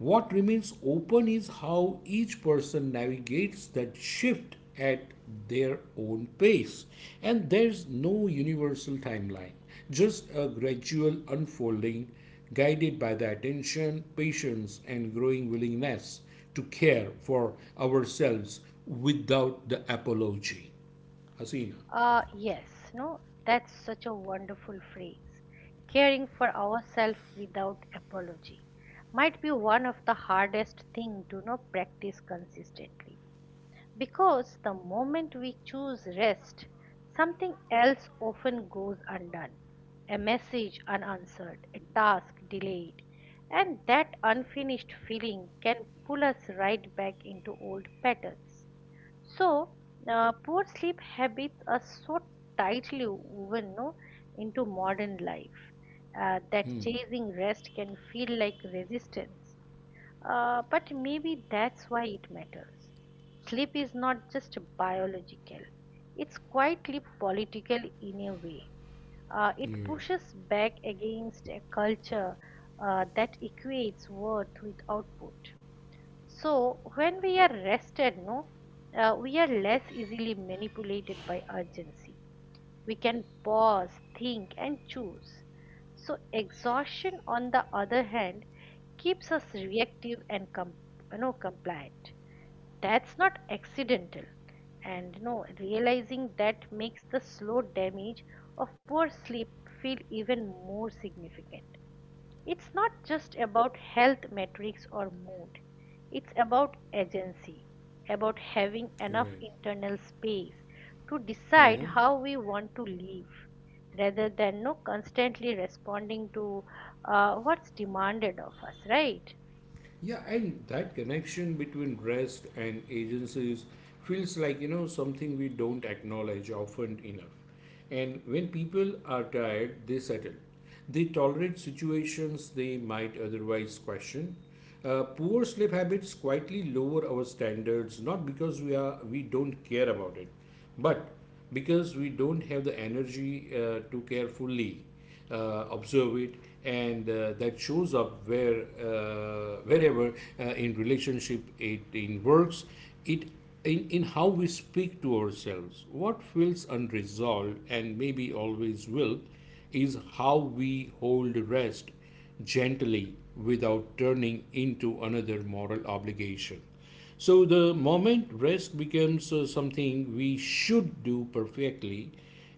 Speaker 2: What remains open is how each person navigates that shift at their own pace. And there's no universal timeline, just a gradual unfolding guided by the attention, patience, and growing willingness to care for ourselves without the apology. Hasina.
Speaker 1: Uh, yes, no, that's such a wonderful phrase. Caring for ourselves without apology might be one of the hardest thing to not practice consistently. Because the moment we choose rest, something else often goes undone. A message unanswered, a task delayed, and that unfinished feeling can pull us right back into old patterns. So, uh, poor sleep habits are so tightly woven no, into modern life uh, that chasing rest can feel like resistance. Uh, but maybe that's why it matters. Sleep is not just biological, it's quietly political in a way. Uh, it
Speaker 2: Right,
Speaker 1: pushes back against a culture uh, that equates worth with output. So when we are rested, no, uh, we are less easily manipulated by urgency. We can pause, think, and choose. So exhaustion, on the other hand, keeps us reactive and com- you know, compliant. That's not accidental. And you know, realizing that makes the slow damage of poor sleep feel even more significant. It's not just about health metrics or mood. It's about agency, about having enough
Speaker 2: right.
Speaker 1: internal space to decide how we want to live rather than no constantly responding to uh, what's demanded of us, right?
Speaker 2: Yeah, and that connection between rest and agencies feels like, you know, something we don't acknowledge often enough. And when people are tired, they settle. They tolerate situations they might otherwise question. Uh, poor sleep habits quietly lower our standards, not because we are we don't care about it, but because we don't have the energy uh, to carefully uh, observe it. And uh, that shows up where uh, wherever uh, in relationship it in works it in, in how we speak to ourselves. What feels unresolved and maybe always will is how we hold rest gently without turning into another moral obligation. So the moment rest becomes uh, something we should do perfectly,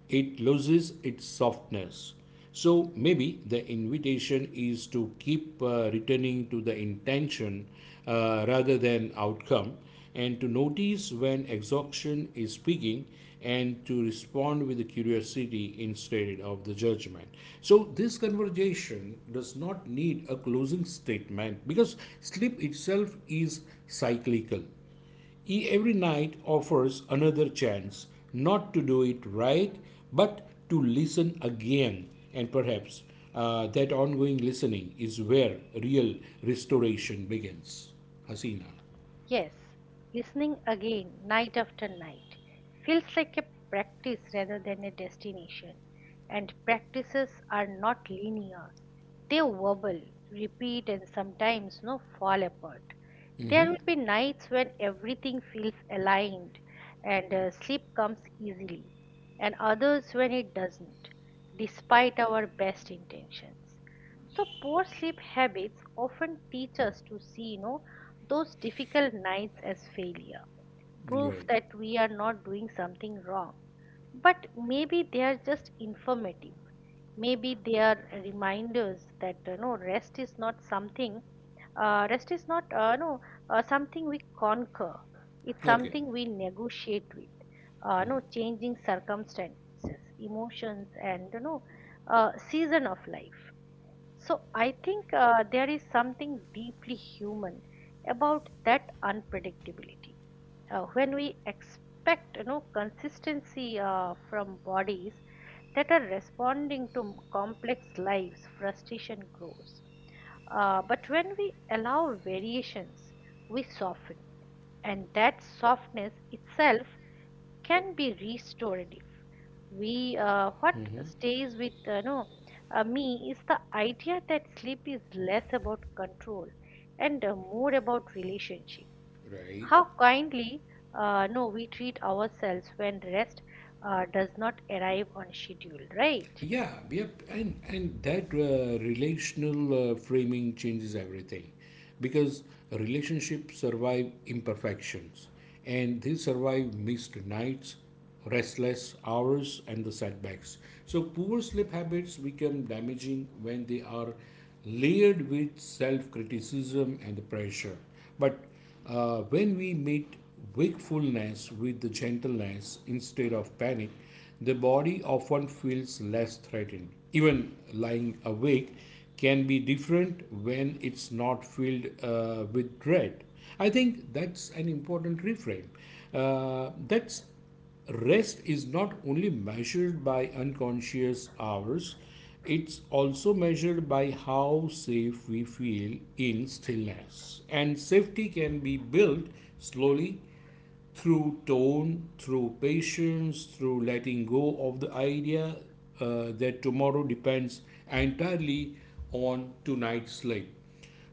Speaker 2: it loses its softness. So maybe the invitation is to keep uh, returning to the intention uh, rather than outcome, and to notice when exhaustion is speaking, and to respond with the curiosity instead of the judgment. So this conversation does not need a closing statement because sleep itself is cyclical. E- every night offers another chance, not to do it right but to listen again. And perhaps uh, that ongoing listening is where real restoration begins, Hasina.
Speaker 1: Yes, listening again night after night feels like a practice rather than a destination. And practices are not linear, they wobble, repeat, and sometimes no, fall apart. There
Speaker 2: Hmm.
Speaker 1: will be nights when everything feels aligned and uh, sleep comes easily, and others when it doesn't, despite our best intentions. So poor sleep habits often teach us to see, you know, those difficult nights as failure, proof
Speaker 2: Right.
Speaker 1: that we are not doing something wrong. But maybe they are just informative. Maybe they are reminders that you know rest is not something. Uh, rest is not uh, no uh, something we conquer. It's
Speaker 2: Okay.
Speaker 1: something we negotiate with. Uh,
Speaker 2: Hmm.
Speaker 1: no changing circumstances, emotions, and you know uh, season of life. So I think uh, there is something deeply human about that unpredictability. Uh, when we expect you know consistency uh, from bodies that are responding to complex lives, frustration grows. Uh, but when we allow variations, we soften, and that softness itself can be restorative. We uh, What stays with uh, no uh, me is the idea that sleep is less about control and uh, more about relationship.
Speaker 2: Right.
Speaker 1: How kindly uh, no we treat ourselves when rest uh, does not arrive on schedule, right?
Speaker 2: Yeah. Yep. And and that uh, relational uh, framing changes everything, because relationships survive imperfections, and they survive missed nights, restless hours, and the setbacks. So poor sleep habits become damaging when they are layered with self-criticism and the pressure. But Uh, when we meet wakefulness with gentleness instead of panic, the body often feels less threatened. Even lying awake can be different when it's not filled uh, with dread. I think that's an important reframe. Uh, that's rest is not only measured by unconscious hours, it's also measured by how safe we feel in stillness. And safety can be built slowly through tone, through patience, through letting go of the idea uh, that tomorrow depends entirely on tonight's slate.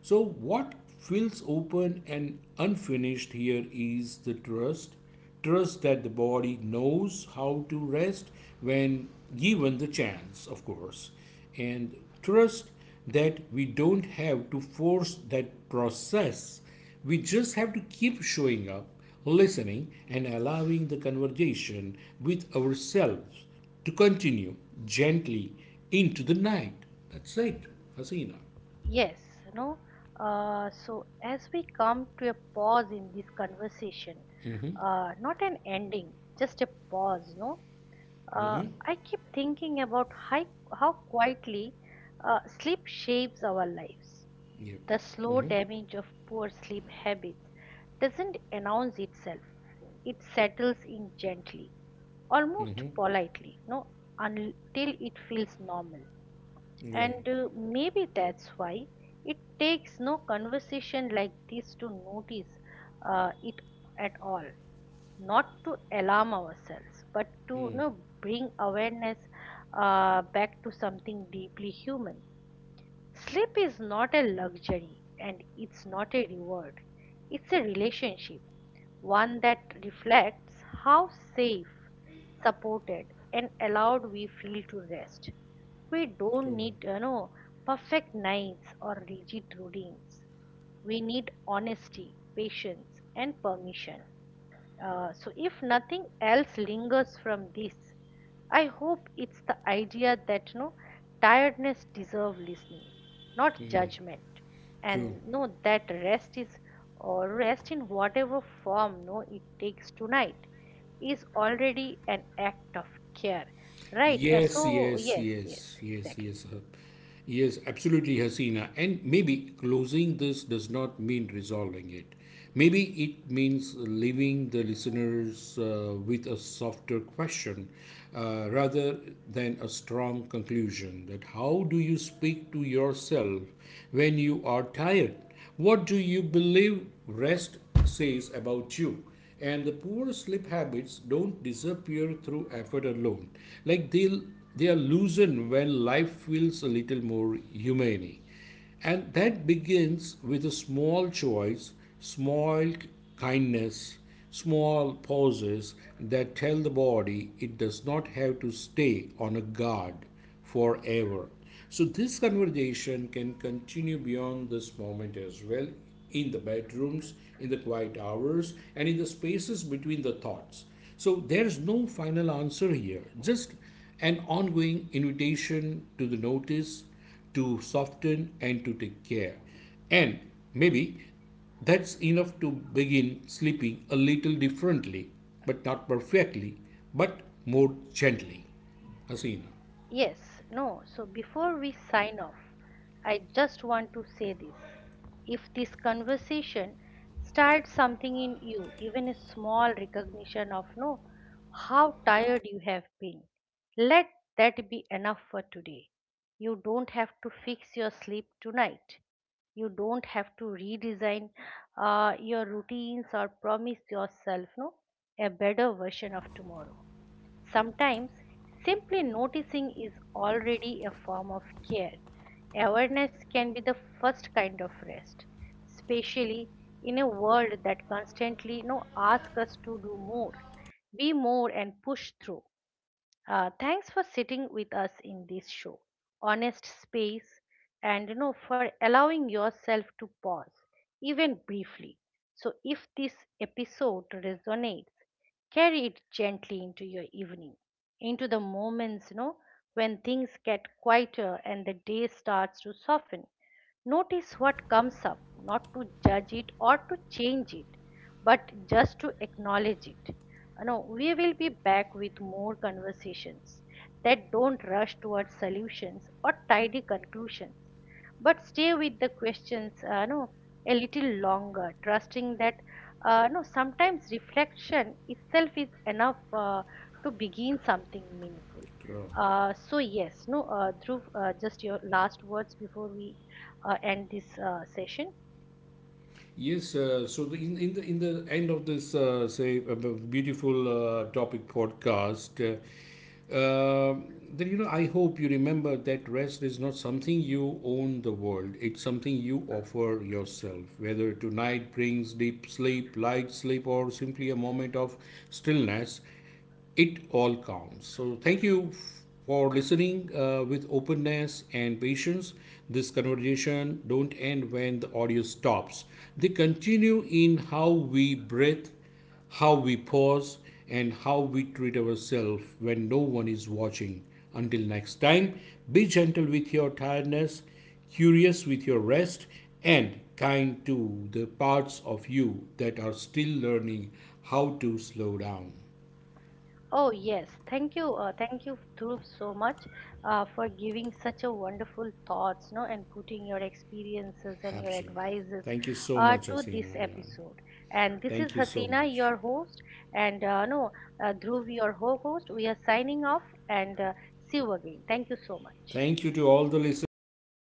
Speaker 2: So, what feels open and unfinished here is the trust, trust that the body knows how to rest when given the chance, of course, and trust that we don't have to force that process. We just have to keep showing up, listening, and allowing the conversation with ourselves to continue gently into the night. That's it, Hasina.
Speaker 1: Yes, you know, uh, so as we come to a pause in this conversation,
Speaker 2: Mm-hmm.
Speaker 1: uh, not an ending, just a pause, no? Uh,
Speaker 2: Mm-hmm.
Speaker 1: I keep thinking about how, how quietly uh, sleep shapes our lives.
Speaker 2: Yep.
Speaker 1: The slow
Speaker 2: Mm-hmm.
Speaker 1: damage of poor sleep habits doesn't announce itself, it settles in gently, almost politely, no, until it feels normal.
Speaker 2: Mm-hmm.
Speaker 1: And
Speaker 2: Right.
Speaker 1: uh, maybe that's why it takes no conversation like this to notice uh, it at all. Not to alarm ourselves, but to you
Speaker 2: Mm.
Speaker 1: know, bring awareness uh, back to something deeply human. Sleep is not a luxury and it's not a reward. It's a relationship, one that reflects how safe, supported, and allowed we feel to rest. We don't
Speaker 2: True.
Speaker 1: need, you know, perfect nights or rigid routines. We need honesty, patience, and permission. Uh, so, if nothing else lingers from this, I hope it's the idea that no tiredness deserve listening, not judgment, and
Speaker 2: True.
Speaker 1: no that rest is or rest in whatever form no it takes tonight is already an act of care, right? Uh,
Speaker 2: Yes,
Speaker 1: so
Speaker 2: yes,
Speaker 1: yes, yes,
Speaker 2: yes, yes,
Speaker 1: exactly.
Speaker 2: yes, uh, yes, absolutely, Hasina. And maybe closing this does not mean resolving it. Maybe it means leaving the listeners uh, with a softer question uh, rather than a strong conclusion, that how do you speak to yourself when you are tired? What do you believe rest says about you? And the poor sleep habits don't disappear through effort alone. Like they they are loosened when life feels a little more humane. And that begins with a small choice, small kindness, small pauses that tell the body it does not have to stay on a guard forever. So, this conversation can continue beyond this moment as well, in the bedrooms, in the quiet hours, and in the spaces between the thoughts. So, there's no final answer here, just an ongoing invitation to the notice, to soften, and to take care. And maybe that's enough to begin sleeping a little differently, but not perfectly, but more gently. Hasina.
Speaker 1: Yes, no. So before we sign off, I just want to say this. If this conversation starts something in you, even a small recognition of no, how tired you have been, let that be enough for today. You don't have to fix your sleep tonight. You don't have to redesign uh, your routines or promise yourself no, a better version of tomorrow. Sometimes simply noticing is already a form of care. Awareness can be the first kind of rest, especially in a world that constantly you know, asks us to do more, be more, and push through. Uh, thanks for sitting with us in this show, honest space, and you know for allowing yourself to pause, even briefly. So, if this episode resonates, carry it gently into your evening, into the moments you know, when things get quieter and the day starts to soften. Notice what comes up, not to judge it or to change it, but just to acknowledge it. You know we will be back with more conversations that don't rush towards solutions or tidy conclusions, but stay with the questions uh, no a little longer, trusting that uh, no sometimes reflection itself is enough uh, to begin something meaningful. Uh, so yes, no, uh, Dhruv, uh, just your last words before we uh, end this uh, session.
Speaker 2: Yes, uh, so the, in, in the in the end of this, uh, say, uh, beautiful uh, topic podcast, uh, um then you know I hope you remember that rest is not something you own the world, it's something you offer yourself, whether tonight brings deep sleep, light sleep, or simply a moment of stillness. It all counts. So thank you f- for listening uh, with openness and patience. This conversation don't end when the audio stops. They continue in how we breathe, how we pause, and how we treat ourselves when no one is watching. Until next time, be gentle with your tiredness, curious with your rest, and kind to the parts of you that are still learning how to slow down.
Speaker 1: Oh, yes. Thank you. Uh, thank you, Dhruv, so much uh, for giving such a wonderful thoughts, no, and putting your experiences and your
Speaker 2: Absolutely.
Speaker 1: advices
Speaker 2: Thank you so
Speaker 1: uh,
Speaker 2: much,
Speaker 1: to this
Speaker 2: Asina. Yeah.
Speaker 1: episode. And this is
Speaker 2: Thank you so
Speaker 1: Hasina,
Speaker 2: much.
Speaker 1: your host, and uh, no, uh, Dhruv, your ho-host. We are signing off and uh, see you again. Thank you so much.
Speaker 2: Thank you to all the listeners.